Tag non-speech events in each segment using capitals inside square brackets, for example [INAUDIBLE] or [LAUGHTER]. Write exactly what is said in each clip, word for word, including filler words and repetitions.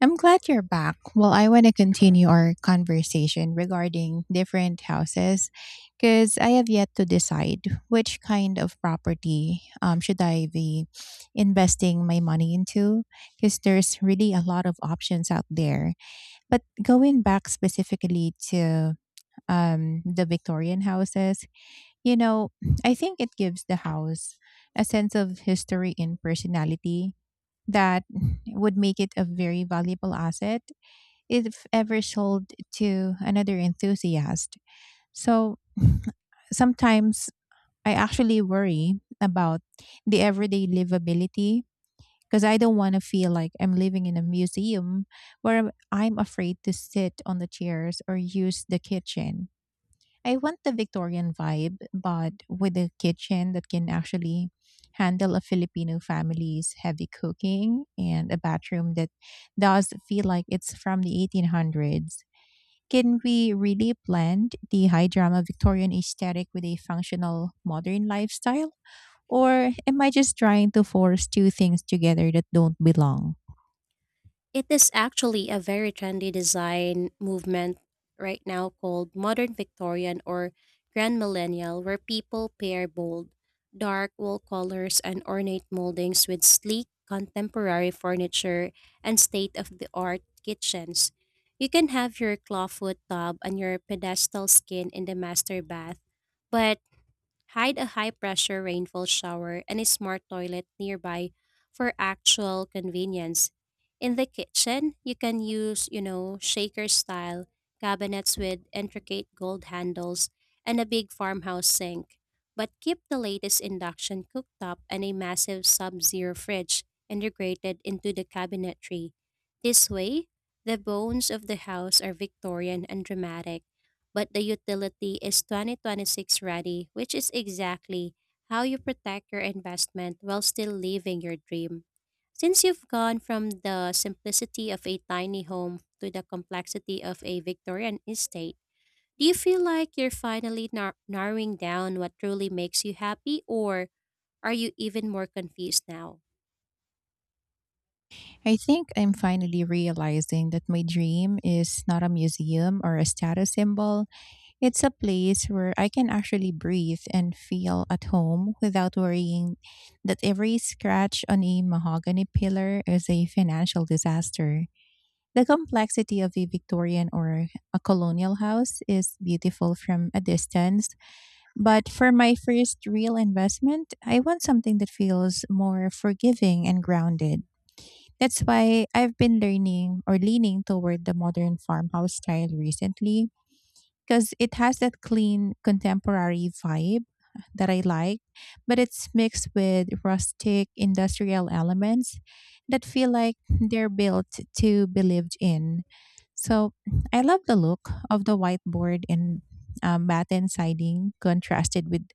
I'm glad you're back. Well, I want to continue our conversation regarding different houses because I have yet to decide which kind of property, um, should I be investing my money into, because there's really a lot of options out there. But going back specifically to um, the Victorian houses, you know, I think it gives the house a sense of history and personality that would make it a very valuable asset if ever sold to another enthusiast. So sometimes I actually worry about the everyday livability because I don't want to feel like I'm living in a museum where I'm I'm afraid to sit on the chairs or use the kitchen. I want the Victorian vibe, but with a kitchen that can actually handle a Filipino family's heavy cooking and a bathroom that does feel like it's from the eighteen hundreds. Can we really blend the high drama Victorian aesthetic with a functional modern lifestyle? Or am I just trying to force two things together that don't belong? It is actually a very trendy design movement right now called modern Victorian or grand millennial, where people pair bold, dark wall colors and ornate moldings with sleek contemporary furniture and state of the art kitchens. You can have your clawfoot tub and your pedestal skin in the master bath, but hide a high pressure rainfall shower and a smart toilet nearby for actual convenience. In the kitchen, you can use, you know, shaker style cabinets with intricate gold handles and a big farmhouse sink. But keep the latest induction cooktop and a massive sub zero fridge integrated into the cabinetry. This way, the bones of the house are Victorian and dramatic, but the utility is twenty twenty-six ready, which is exactly how you protect your investment while still living your dream. Since you've gone from the simplicity of a tiny home to the complexity of a Victorian estate, do you feel like you're finally nar- narrowing down what truly makes you happy, or are you even more confused now? I think I'm finally realizing that my dream is not a museum or a status symbol. It's a place where I can actually breathe and feel at home without worrying that every scratch on a mahogany pillar is a financial disaster. The complexity of a Victorian or a colonial house is beautiful from a distance, but for my first real investment, I want something that feels more forgiving and grounded. That's why I've been learning or leaning toward the modern farmhouse style recently because it has that clean contemporary vibe that I like, but it's mixed with rustic industrial elements that feel like they're built to be lived in. So I love the look of the whiteboard and um, batten siding contrasted with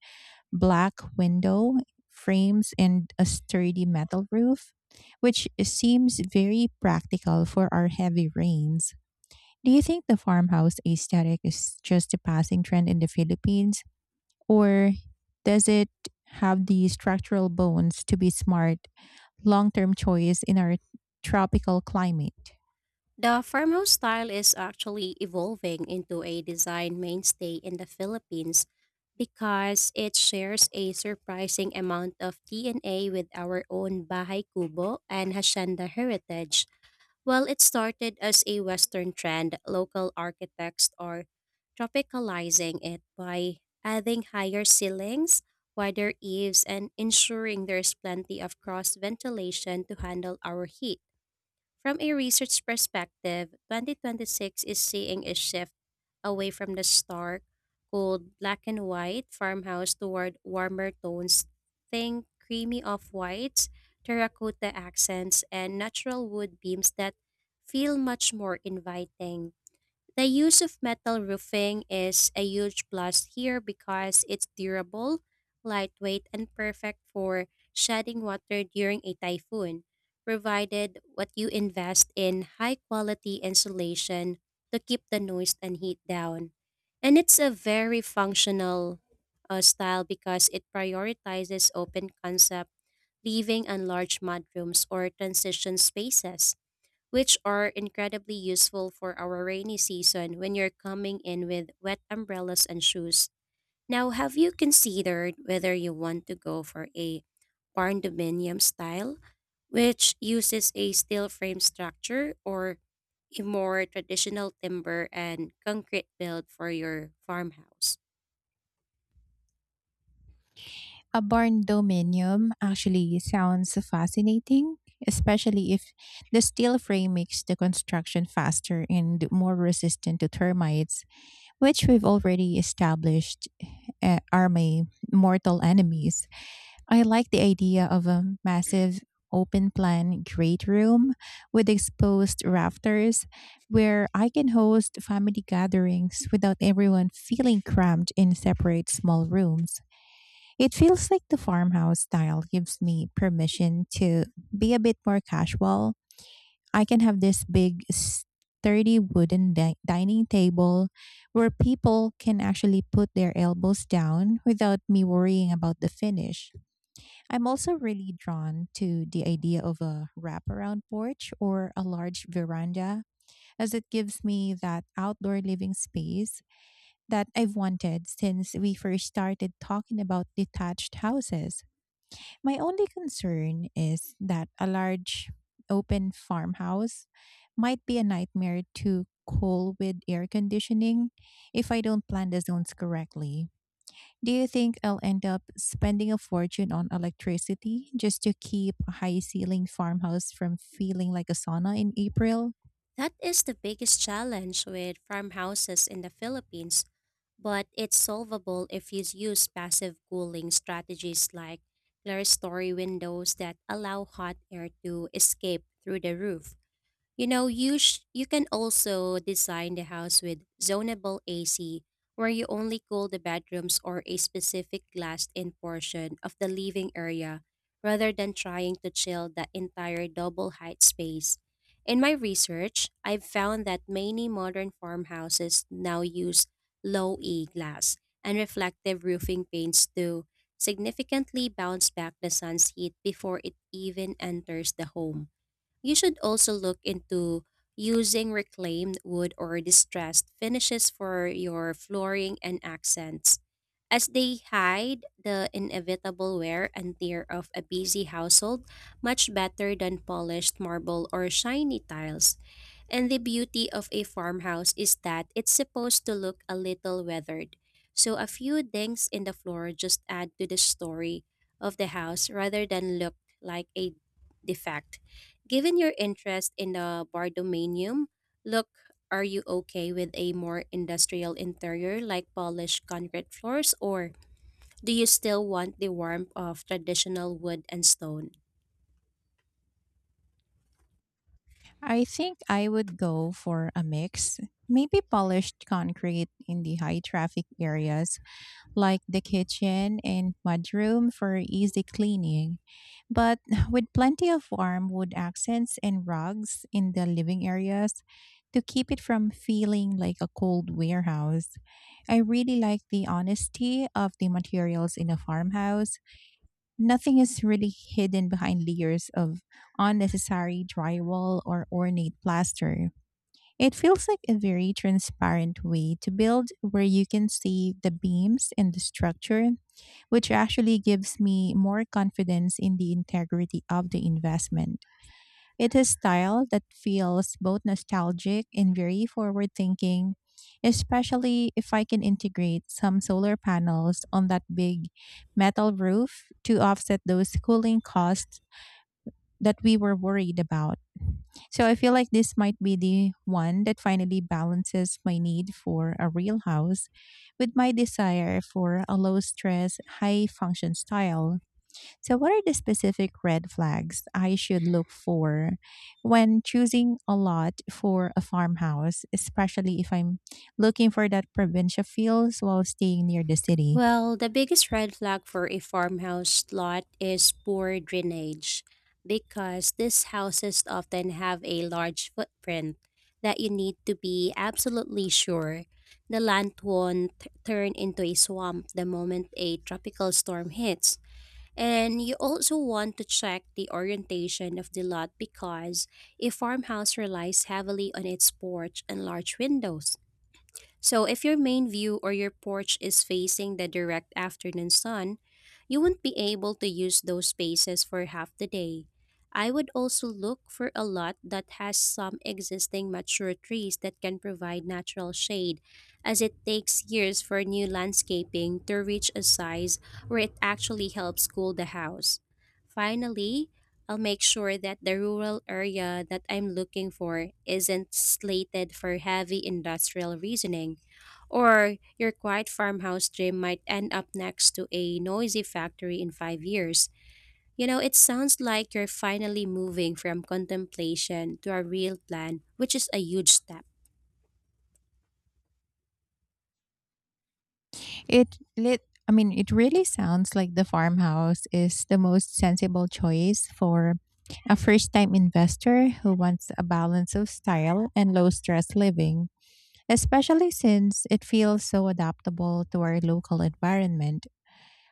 black window frames and a sturdy metal roof, which seems very practical for our heavy rains. Do you think the farmhouse aesthetic is just a passing trend in the Philippines, or does it have the structural bones to be smart, long term choice in our tropical climate? The farmhouse style is actually evolving into a design mainstay in the Philippines because it shares a surprising amount of D N A with our own Bahay Kubo and Hacienda heritage. While it started as a Western trend, local architects are tropicalizing it by adding higher ceilings, wider eaves, and ensuring there's plenty of cross ventilation to handle our heat. From a research perspective, twenty twenty-six is seeing a shift away from the stark, cold, black and white farmhouse toward warmer tones. Think creamy off whites, terracotta accents, and natural wood beams that feel much more inviting. The use of metal roofing is a huge plus here because it's durable, lightweight, and perfect for shedding water during a typhoon, provided what you invest in high quality insulation to keep the noise and heat down. And it's a very functional uh, style because it prioritizes open concept, leaving and large mudrooms or transition spaces which are incredibly useful for our rainy season when you're coming in with wet umbrellas and shoes. Now, have you considered whether you want to go for a barn style, which uses a steel frame structure, or a more traditional timber and concrete build for your farmhouse? A barn dominium actually sounds fascinating, especially if the steel frame makes the construction faster and more resistant to termites, which we've already established uh, are my mortal enemies. I like the idea of a massive open plan great room with exposed rafters where I can host family gatherings without everyone feeling cramped in separate small rooms. It feels like the farmhouse style gives me permission to be a bit more casual. I can have this big, sturdy wooden di- dining table where people can actually put their elbows down without me worrying about the finish. I'm also really drawn to the idea of a wraparound porch or a large veranda, as it gives me that outdoor living space that I've wanted since we first started talking about detached houses. My only concern is that a large open farmhouse might be a nightmare to cool with air conditioning if I don't plan the zones correctly. Do you think I'll end up spending a fortune on electricity just to keep a high ceiling farmhouse from feeling like a sauna in April? That is the biggest challenge with farmhouses in the Philippines, but it's solvable if you use passive cooling strategies like clerestory windows that allow hot air to escape through the roof. You know, you sh- you can also design the house with zonable A C, where you only cool the bedrooms or a specific glassed-in portion of the living area, rather than trying to chill the entire double-height space. In my research, I've found that many modern farmhouses now use low-E glass and reflective roofing paints to significantly bounce back the sun's heat before it even enters the home. You should also look into using reclaimed wood or distressed finishes for your flooring and accents, as they hide the inevitable wear and tear of a busy household much better than polished marble or shiny tiles. And the beauty of a farmhouse is that it's supposed to look a little weathered. So a few dings in the floor just add to the story of the house rather than look like a defect. Given your interest in the Bardomanium, look, are you okay with a more industrial interior like polished concrete floors, or do you still want the warmth of traditional wood and stone? I think I would go for a mix. Maybe polished concrete in the high traffic areas like the kitchen and mudroom for easy cleaning, but [SIGHS] with plenty of warm wood accents and rugs in the living areas to keep it from feeling like a cold warehouse. I really like the honesty of the materials in a farmhouse. Nothing is really hidden behind layers of unnecessary drywall or ornate plaster. It feels like a very transparent way to build where you can see the beams and the structure, which actually gives me more confidence in the integrity of the investment. It is style that feels both nostalgic and very forward thinking, especially if I can integrate some solar panels on that big metal roof to offset those cooling costs that we were worried about. So I feel like this might be the one that finally balances my need for a real house with my desire for a low stress, high function style. So, what are the specific red flags I should look for when choosing a lot for a farmhouse, especially if I'm looking for that provincial feels while staying near the city? Well, the biggest red flag for a farmhouse lot is poor drainage because these houses often have a large footprint that you need to be absolutely sure the land won't t- turn into a swamp the moment a tropical storm hits. And you also want to check the orientation of the lot because a farmhouse relies heavily on its porch and large windows. So, if your main view or your porch is facing the direct afternoon sun, you won't be able to use those spaces for half the day. I would also look for a lot that has some existing mature trees that can provide natural shade, as it takes years for new landscaping to reach a size where it actually helps cool the house. Finally, I'll make sure that the rural area that I'm looking for isn't slated for heavy industrial reasoning, or your quiet farmhouse dream might end up next to a noisy factory in five years. You know, it sounds like you're finally moving from contemplation to a real plan, which is a huge step. It lit I mean, it really sounds like the farmhouse is the most sensible choice for a first-time investor who wants a balance of style and low-stress living, especially since it feels so adaptable to our local environment.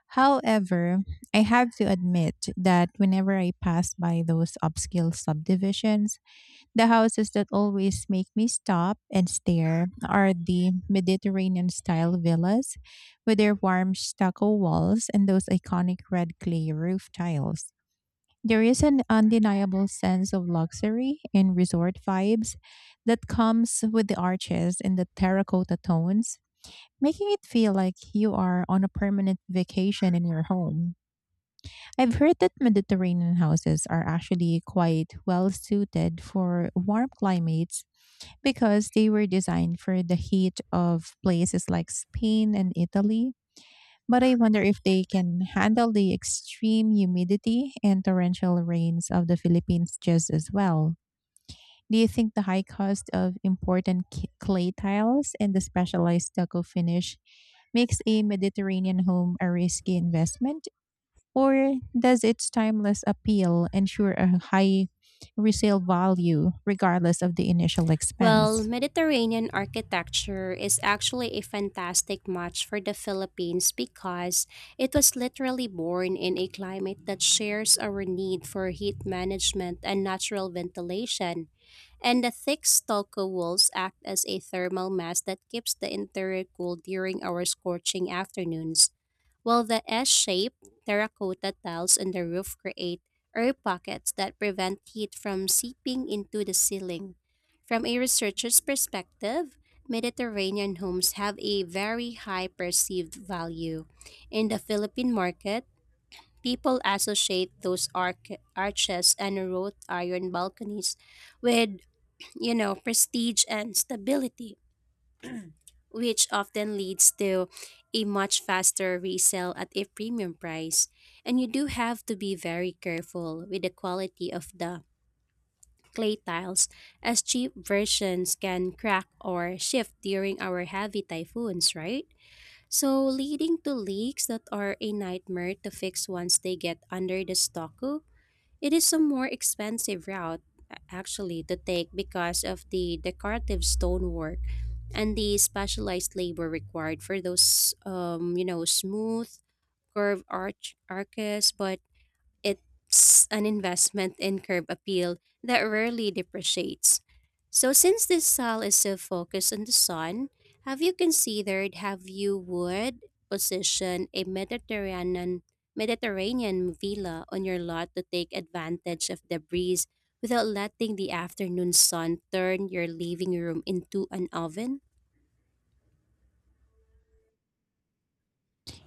However, I have to admit that whenever I pass by those upscale subdivisions, the houses that always make me stop and stare are the Mediterranean style villas with their warm stucco walls and those iconic red clay roof tiles. There is an undeniable sense of luxury and resort vibes that comes with the arches and the terracotta tones, making it feel like you are on a permanent vacation in your home. I've heard that Mediterranean houses are actually quite well suited for warm climates because they were designed for the heat of places like Spain and Italy. But I wonder if they can handle the extreme humidity and torrential rains of the Philippines just as well. Do you think the high cost of important ki- clay tiles and the specialized stucco finish makes a Mediterranean home a risky investment? Or does its timeless appeal ensure a high resale value regardless of the initial Well, expense? Mediterranean architecture is actually a fantastic match for the Philippines because it was literally born in a climate that shares our need for heat management and natural ventilation. And the thick stucco walls act as a thermal mass that keeps the interior cool during our scorching afternoons, while the S-shaped terracotta tiles in the roof create air pockets that prevent heat from seeping into the ceiling. From a researcher's perspective, Mediterranean homes have a very high perceived value. In the Philippine market, people associate those arc- arches and wrought iron balconies with, you know, prestige and stability, which often leads to a much faster resale at a premium price. And you do have to be very careful with the quality of the clay tiles, as cheap versions can crack or shift during our heavy typhoons, right? So, leading to leaks that are a nightmare to fix once they get under the stucco. It is a more expensive route, a- actually, to take because of the decorative stonework and the specialized labor required for those, um, you know, smooth curved arch arches, but it's an investment in curb appeal that rarely depreciates. So since this style is so focused on the sun, have you considered have you would position a Mediterranean Mediterranean villa on your lot to take advantage of the breeze without letting the afternoon sun turn your living room into an oven?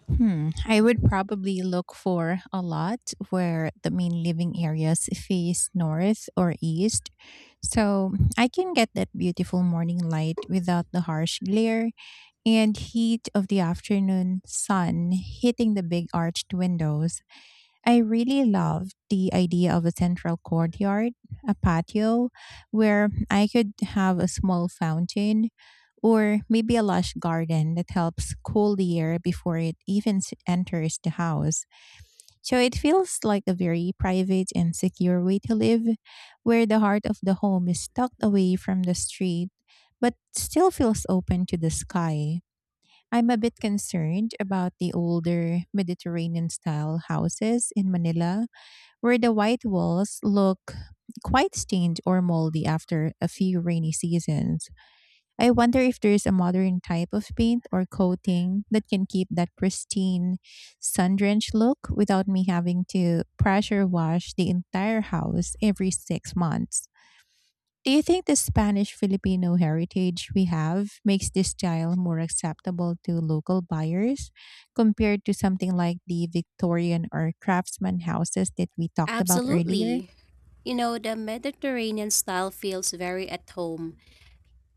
Hmm. I would probably look for a lot where the main living areas face north or east, so I can get that beautiful morning light without the harsh glare and heat of the afternoon sun hitting the big arched windows. I really love the idea of a central courtyard, a patio, where I could have a small fountain or maybe a lush garden that helps cool the air before it even s- enters the house. So it feels like a very private and secure way to live, where the heart of the home is tucked away from the street, but still feels open to the sky. I'm a bit concerned about the older Mediterranean style houses in Manila where the white walls look quite stained or moldy after a few rainy seasons. I wonder if there's a modern type of paint or coating that can keep that pristine, sun drenched look without me having to pressure wash the entire house every six months. Do you think the Spanish Filipino heritage we have makes this style more acceptable to local buyers compared to something like the Victorian or craftsman houses that we talked about earlier? Absolutely. You know, the Mediterranean style feels very at home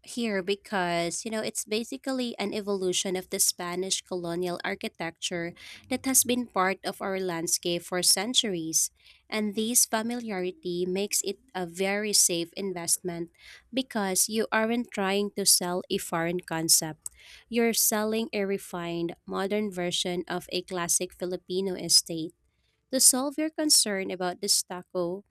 here because, you know, it's basically an evolution of the Spanish colonial architecture that has been part of our landscape for centuries, and this familiarity makes it a very safe investment because you aren't trying to sell a foreign concept. You're selling a refined modern version of a classic Filipino estate. To solve your concern about the stucco,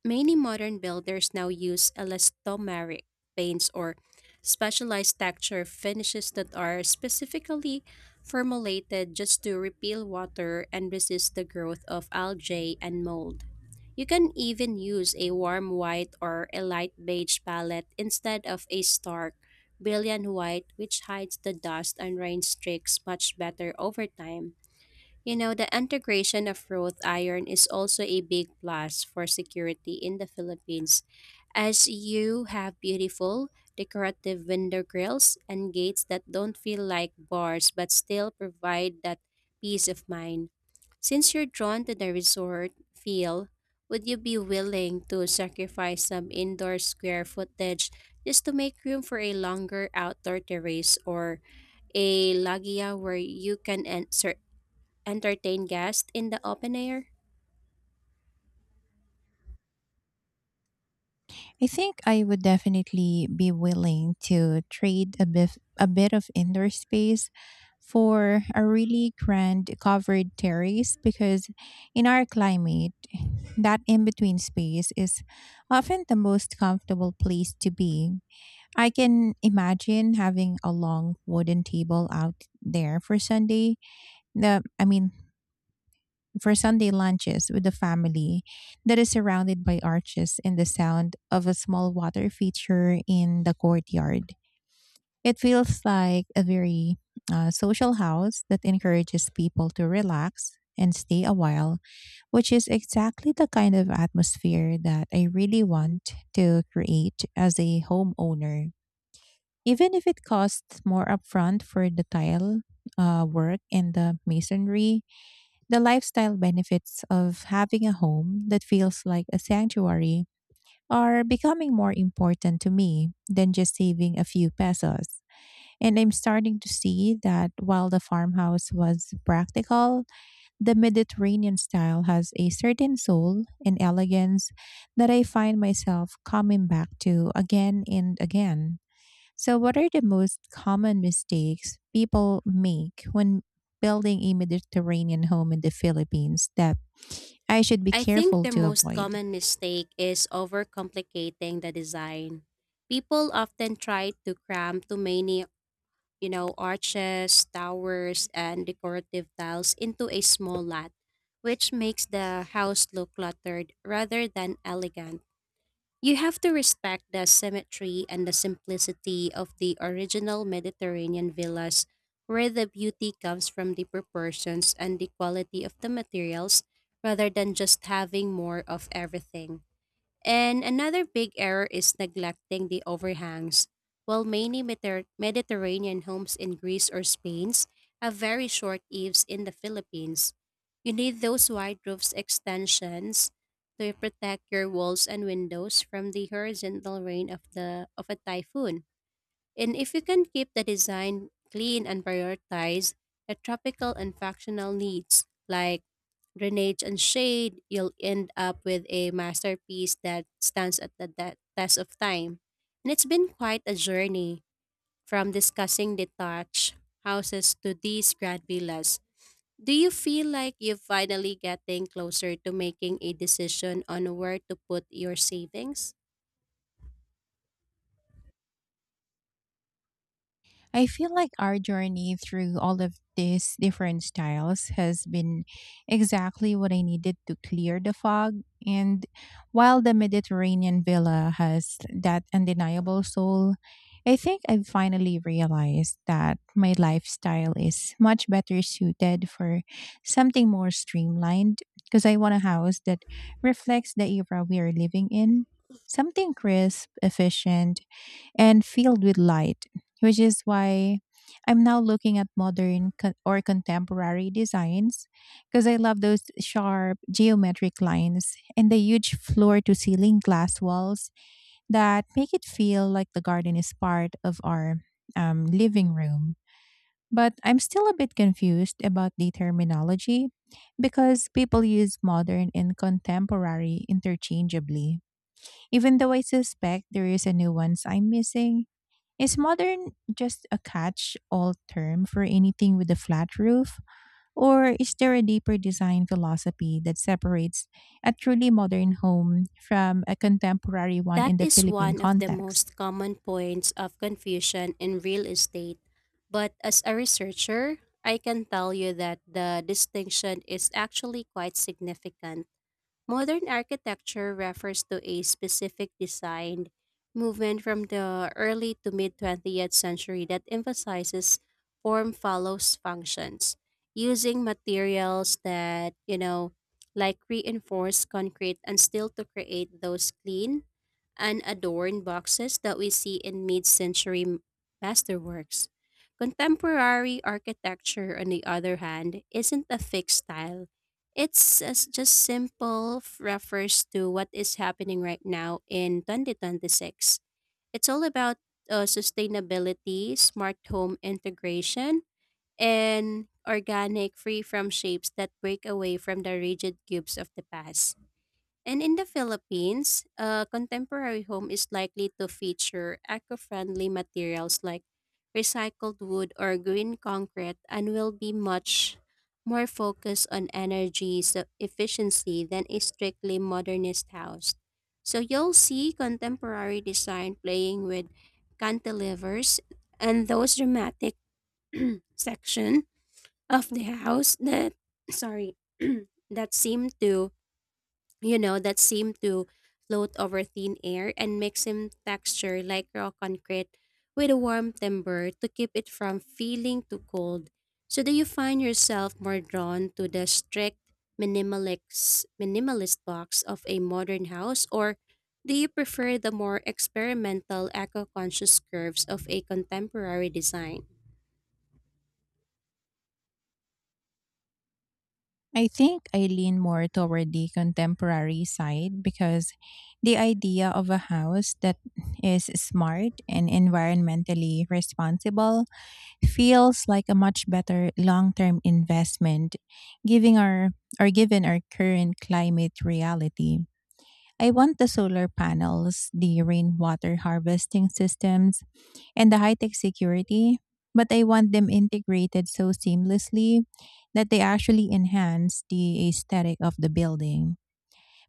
many modern builders now use elastomeric paints or specialized texture finishes that are specifically formulated just to repel water and resist the growth of algae and mold. You can even use a warm white or a light beige palette instead of a stark, brilliant white, which hides the dust and rain streaks much better over time. You know, the integration of wrought iron is also a big plus for security in the Philippines, as you have beautiful, decorative window grills and gates that don't feel like bars but still provide that peace of mind. Since you're drawn to the resort feel, would you be willing to sacrifice some indoor square footage just to make room for a longer outdoor terrace or a loggia where you can en- sur- entertain guests in the open air? I think I would definitely be willing to trade a bit, a bit of indoor space for a really grand covered terrace because in our climate, that in between space is often the most comfortable place to be. I can imagine having a long wooden table out there for Sunday. The I mean, for Sunday lunches with the family, that is surrounded by arches and the sound of a small water feature in the courtyard. It feels like a very uh, social house that encourages people to relax and stay a while, which is exactly the kind of atmosphere that I really want to create as a homeowner. Even if it costs more upfront for the tile uh, work and the masonry, the lifestyle benefits of having a home that feels like a sanctuary are becoming more important to me than just saving a few pesos. And I'm starting to see that while the farmhouse was practical, the Mediterranean style has a certain soul and elegance that I find myself coming back to again and again. So, what are the most common mistakes people make when building a Mediterranean home in the Philippines that I should be I think careful the to most avoid? common mistake is overcomplicating the design. People often try to cram too many, you know, arches, towers, and decorative tiles into a small lot, which makes the house look cluttered rather than elegant. You have to respect the symmetry and the simplicity of the original Mediterranean villas, where the beauty comes from the proportions and the quality of the materials rather than just having more of everything. And another big error is neglecting the overhangs. While many Mediter- Mediterranean homes in Greece or Spain have very short eaves, in the Philippines, you need those wide roofs extensions to protect your walls and windows from the horizontal rain of the of a typhoon. And if you can keep the design clean and prioritize the tropical and functional needs like drainage and shade, you'll end up with a masterpiece that stands at the de- test of time. And it's been quite a journey from discussing detached houses to these grad villas. Do you feel like you're finally getting closer to making a decision on where to put your savings? I feel like our journey through all of these different styles has been exactly what I needed to clear the fog. And while the Mediterranean villa has that undeniable soul, I think I've finally realized that my lifestyle is much better suited for something more streamlined, because I want a house that reflects the era we are living in. Something crisp, efficient, and filled with light, which is why I'm now looking at modern co- or contemporary designs, because I love those sharp geometric lines and the huge floor to ceiling glass walls that make it feel like the garden is part of our um, living room. But I'm still a bit confused about the terminology, because people use modern and contemporary interchangeably, even though I suspect there is a nuance I'm missing. Is modern just a catch all term for anything with a flat roof? Or is there a deeper design philosophy that separates a truly modern home from a contemporary one That in the is Philippine one of the context? most common points of confusion in real estate. But as a researcher, I can tell you that the distinction is actually quite significant. Modern architecture refers to a specific design movement from the early to mid twentieth century that emphasizes form follows functions, using materials that, you know, like reinforced concrete and steel, to create those clean unadorned boxes that we see in mid century masterworks. Contemporary architecture, on the other hand, isn't a fixed style. It's as just simple f- refers to what is happening right now in twenty twenty-six. It's all about uh, sustainability, smart home integration, and organic free from shapes that break away from the rigid cubes of the past. And in the Philippines, a contemporary home is likely to feature eco friendly materials like recycled wood or green concrete, and will be much more focused on energy s- efficiency than a strictly modernist house. So you'll see contemporary design playing with cantilevers and those dramatic section of the house that sorry [CLEARS THROAT] that seem to you know, that seem to float over thin air and mix in texture like raw concrete with a warm timber to keep it from feeling too cold. So do you find yourself more drawn to the strict minimalist minimalist box of a modern house, or do you prefer the more experimental eco-conscious curves of a contemporary design? I think I lean more toward the contemporary side, because the idea of a house that is smart and environmentally responsible feels like a much better long-term investment giving our or given our current climate reality. I want the solar panels, the rainwater harvesting systems, and the high-tech security, but I want them integrated so seamlessly that they actually enhance the aesthetic of the building.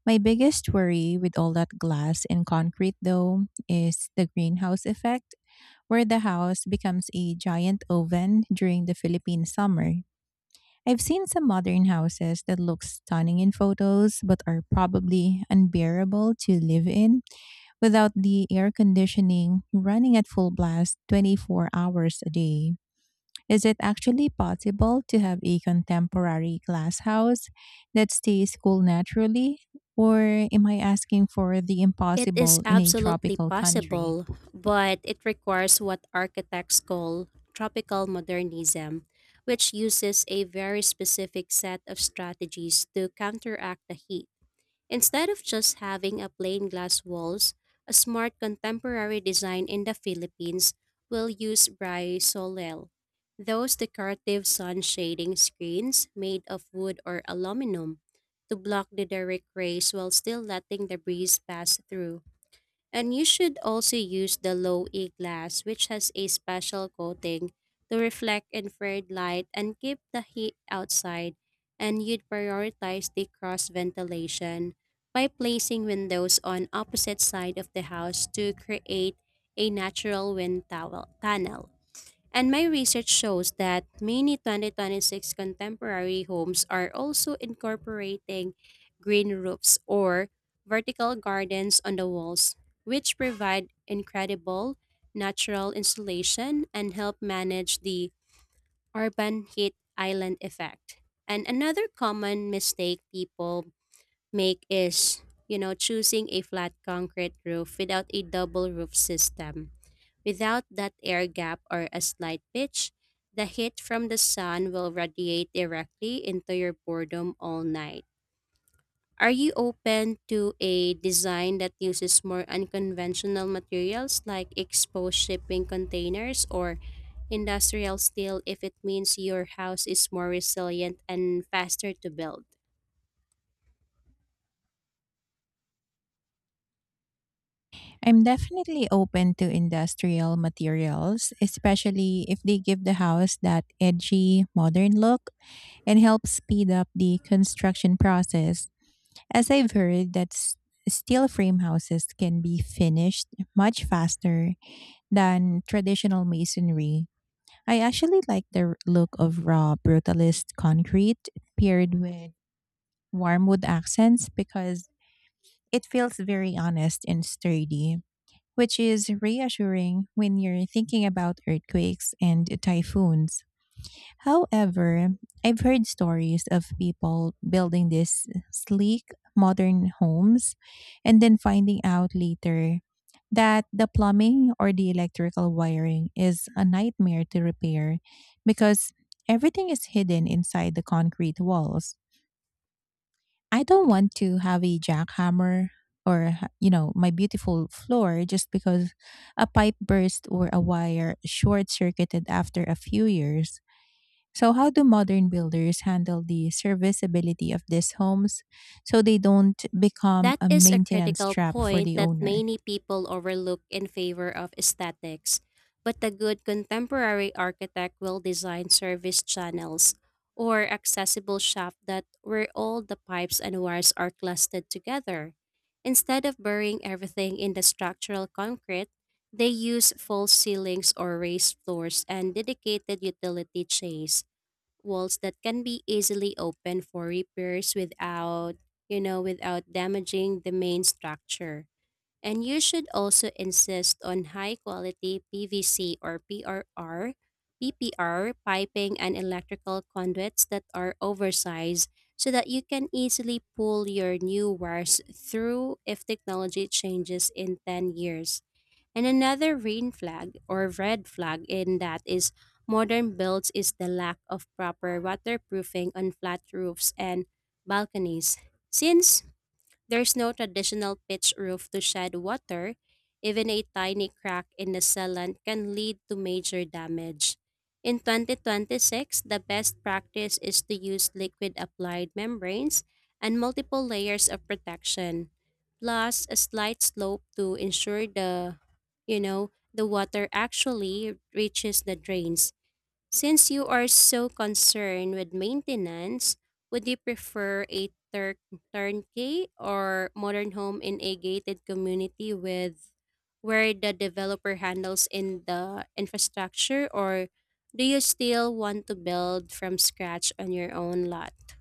My biggest worry with all that glass and concrete though is the greenhouse effect, where the house becomes a giant oven during the Philippine summer. I've seen some modern houses that look stunning in photos but are probably unbearable to live in without the air conditioning running at full blast twenty-four hours a day. Is it actually possible to have a contemporary glass house that stays cool naturally? Or am I asking for the It is impossible in a absolutely tropical country? possible, but it requires what architects call tropical modernism, which uses a very specific set of strategies to counteract the heat. Instead of just having a plain glass walls, a smart contemporary design in the Philippines will use Solel, those decorative sun shading screens made of wood or aluminum, to block the direct rays while still letting the breeze pass through. And you should also use the low E glass, which has a special coating to reflect infrared light and keep the heat outside. And you'd prioritize the cross ventilation by placing windows on opposite side of the house to create a natural wind towel- tunnel. And my research shows that many twenty twenty-six contemporary homes are also incorporating green roofs or vertical gardens on the walls, which provide incredible natural insulation and help manage the urban heat island effect. And another common mistake people make is, you know, choosing a flat concrete roof without a double roof system. Without that air gap or a slight pitch, the heat from the sun will radiate directly into your boredom all night. Are you open to a design that uses more unconventional materials like exposed shipping containers or industrial steel, if it means your house is more resilient and faster to build? I'm definitely open to industrial materials, especially if they give the house that edgy, modern look and help speed up the construction process. As I've heard that s- steel frame houses can be finished much faster than traditional masonry. I actually like the r- look of raw brutalist concrete paired with warm wood accents because it feels very honest and sturdy, which is reassuring when you're thinking about earthquakes and typhoons. However, I've heard stories of people building these sleek modern homes and then finding out later that the plumbing or the electrical wiring is a nightmare to repair because everything is hidden inside the concrete walls. I don't want to have a jackhammer or ha- you know my beautiful floor just because a pipe burst or a wire short circuited after a few years. So how do modern builders handle the serviceability of these homes so they don't become That a is a maintenance critical trap for point the that owner? many people overlook in favor of aesthetics. But a good contemporary architect will design service channels or accessible shaft that where all the pipes and wires are clustered together. Instead of burying everything in the structural concrete, they use false ceilings or raised floors and dedicated utility chains walls that can be easily opened for repairs without, you know, without damaging the main structure. And you should also insist on high quality P V C or P R R P P R piping and electrical conduits that are oversized, so that you can easily pull your new wires through if technology changes in ten years. And another rain flag or red flag in that is modern builds is the lack of proper waterproofing on flat roofs and balconies. Since there's no traditional pitch roof to shed water. Even a tiny crack in the sealant can lead to major damage. In twenty twenty-six, the best practice is to use liquid applied membranes and multiple layers of protection, plus a slight slope to ensure the, you know, the water actually reaches the drains. Since you are so concerned with maintenance, would you prefer a tur- turnkey or modern home in a gated community with where the developer handles in the infrastructure, or do you still want to build from scratch on your own lot?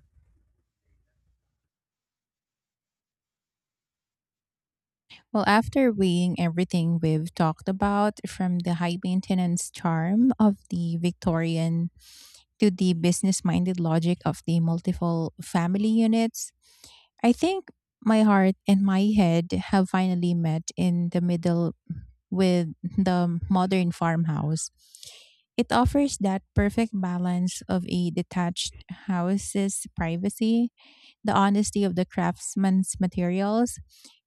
Well, after weighing everything we've talked about, from the high maintenance charm of the Victorian to the business minded logic of the multiple family units, I think my heart and my head have finally met in the middle with the modern farmhouse. It offers that perfect balance of a detached house's privacy, the honesty of the craftsman's materials,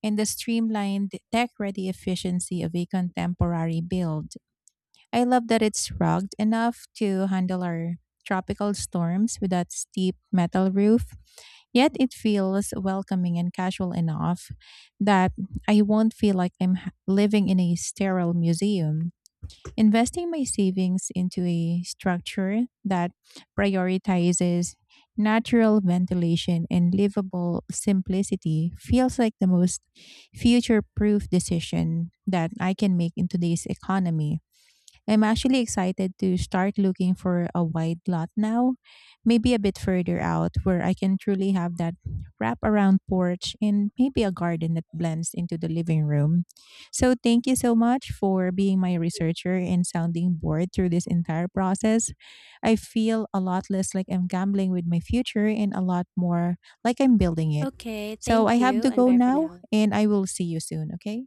and the streamlined tech ready efficiency of a contemporary build. I love that it's rugged enough to handle our tropical storms with that steep metal roof, yet it feels welcoming and casual enough that I won't feel like I'm h- living in a sterile museum. Investing my savings into a structure that prioritizes natural ventilation and livable simplicity feels like the most future proof decision that I can make in today's economy. I'm actually excited to start looking for a wide lot now, maybe a bit further out where I can truly have that wrap around porch and maybe a garden that blends into the living room. So, thank you so much for being my researcher and sounding board through this entire process. I feel a lot less like I'm gambling with my future and a lot more like I'm building it. Okay, So, I thank have you to and go bye for now now. and I will see you soon, okay?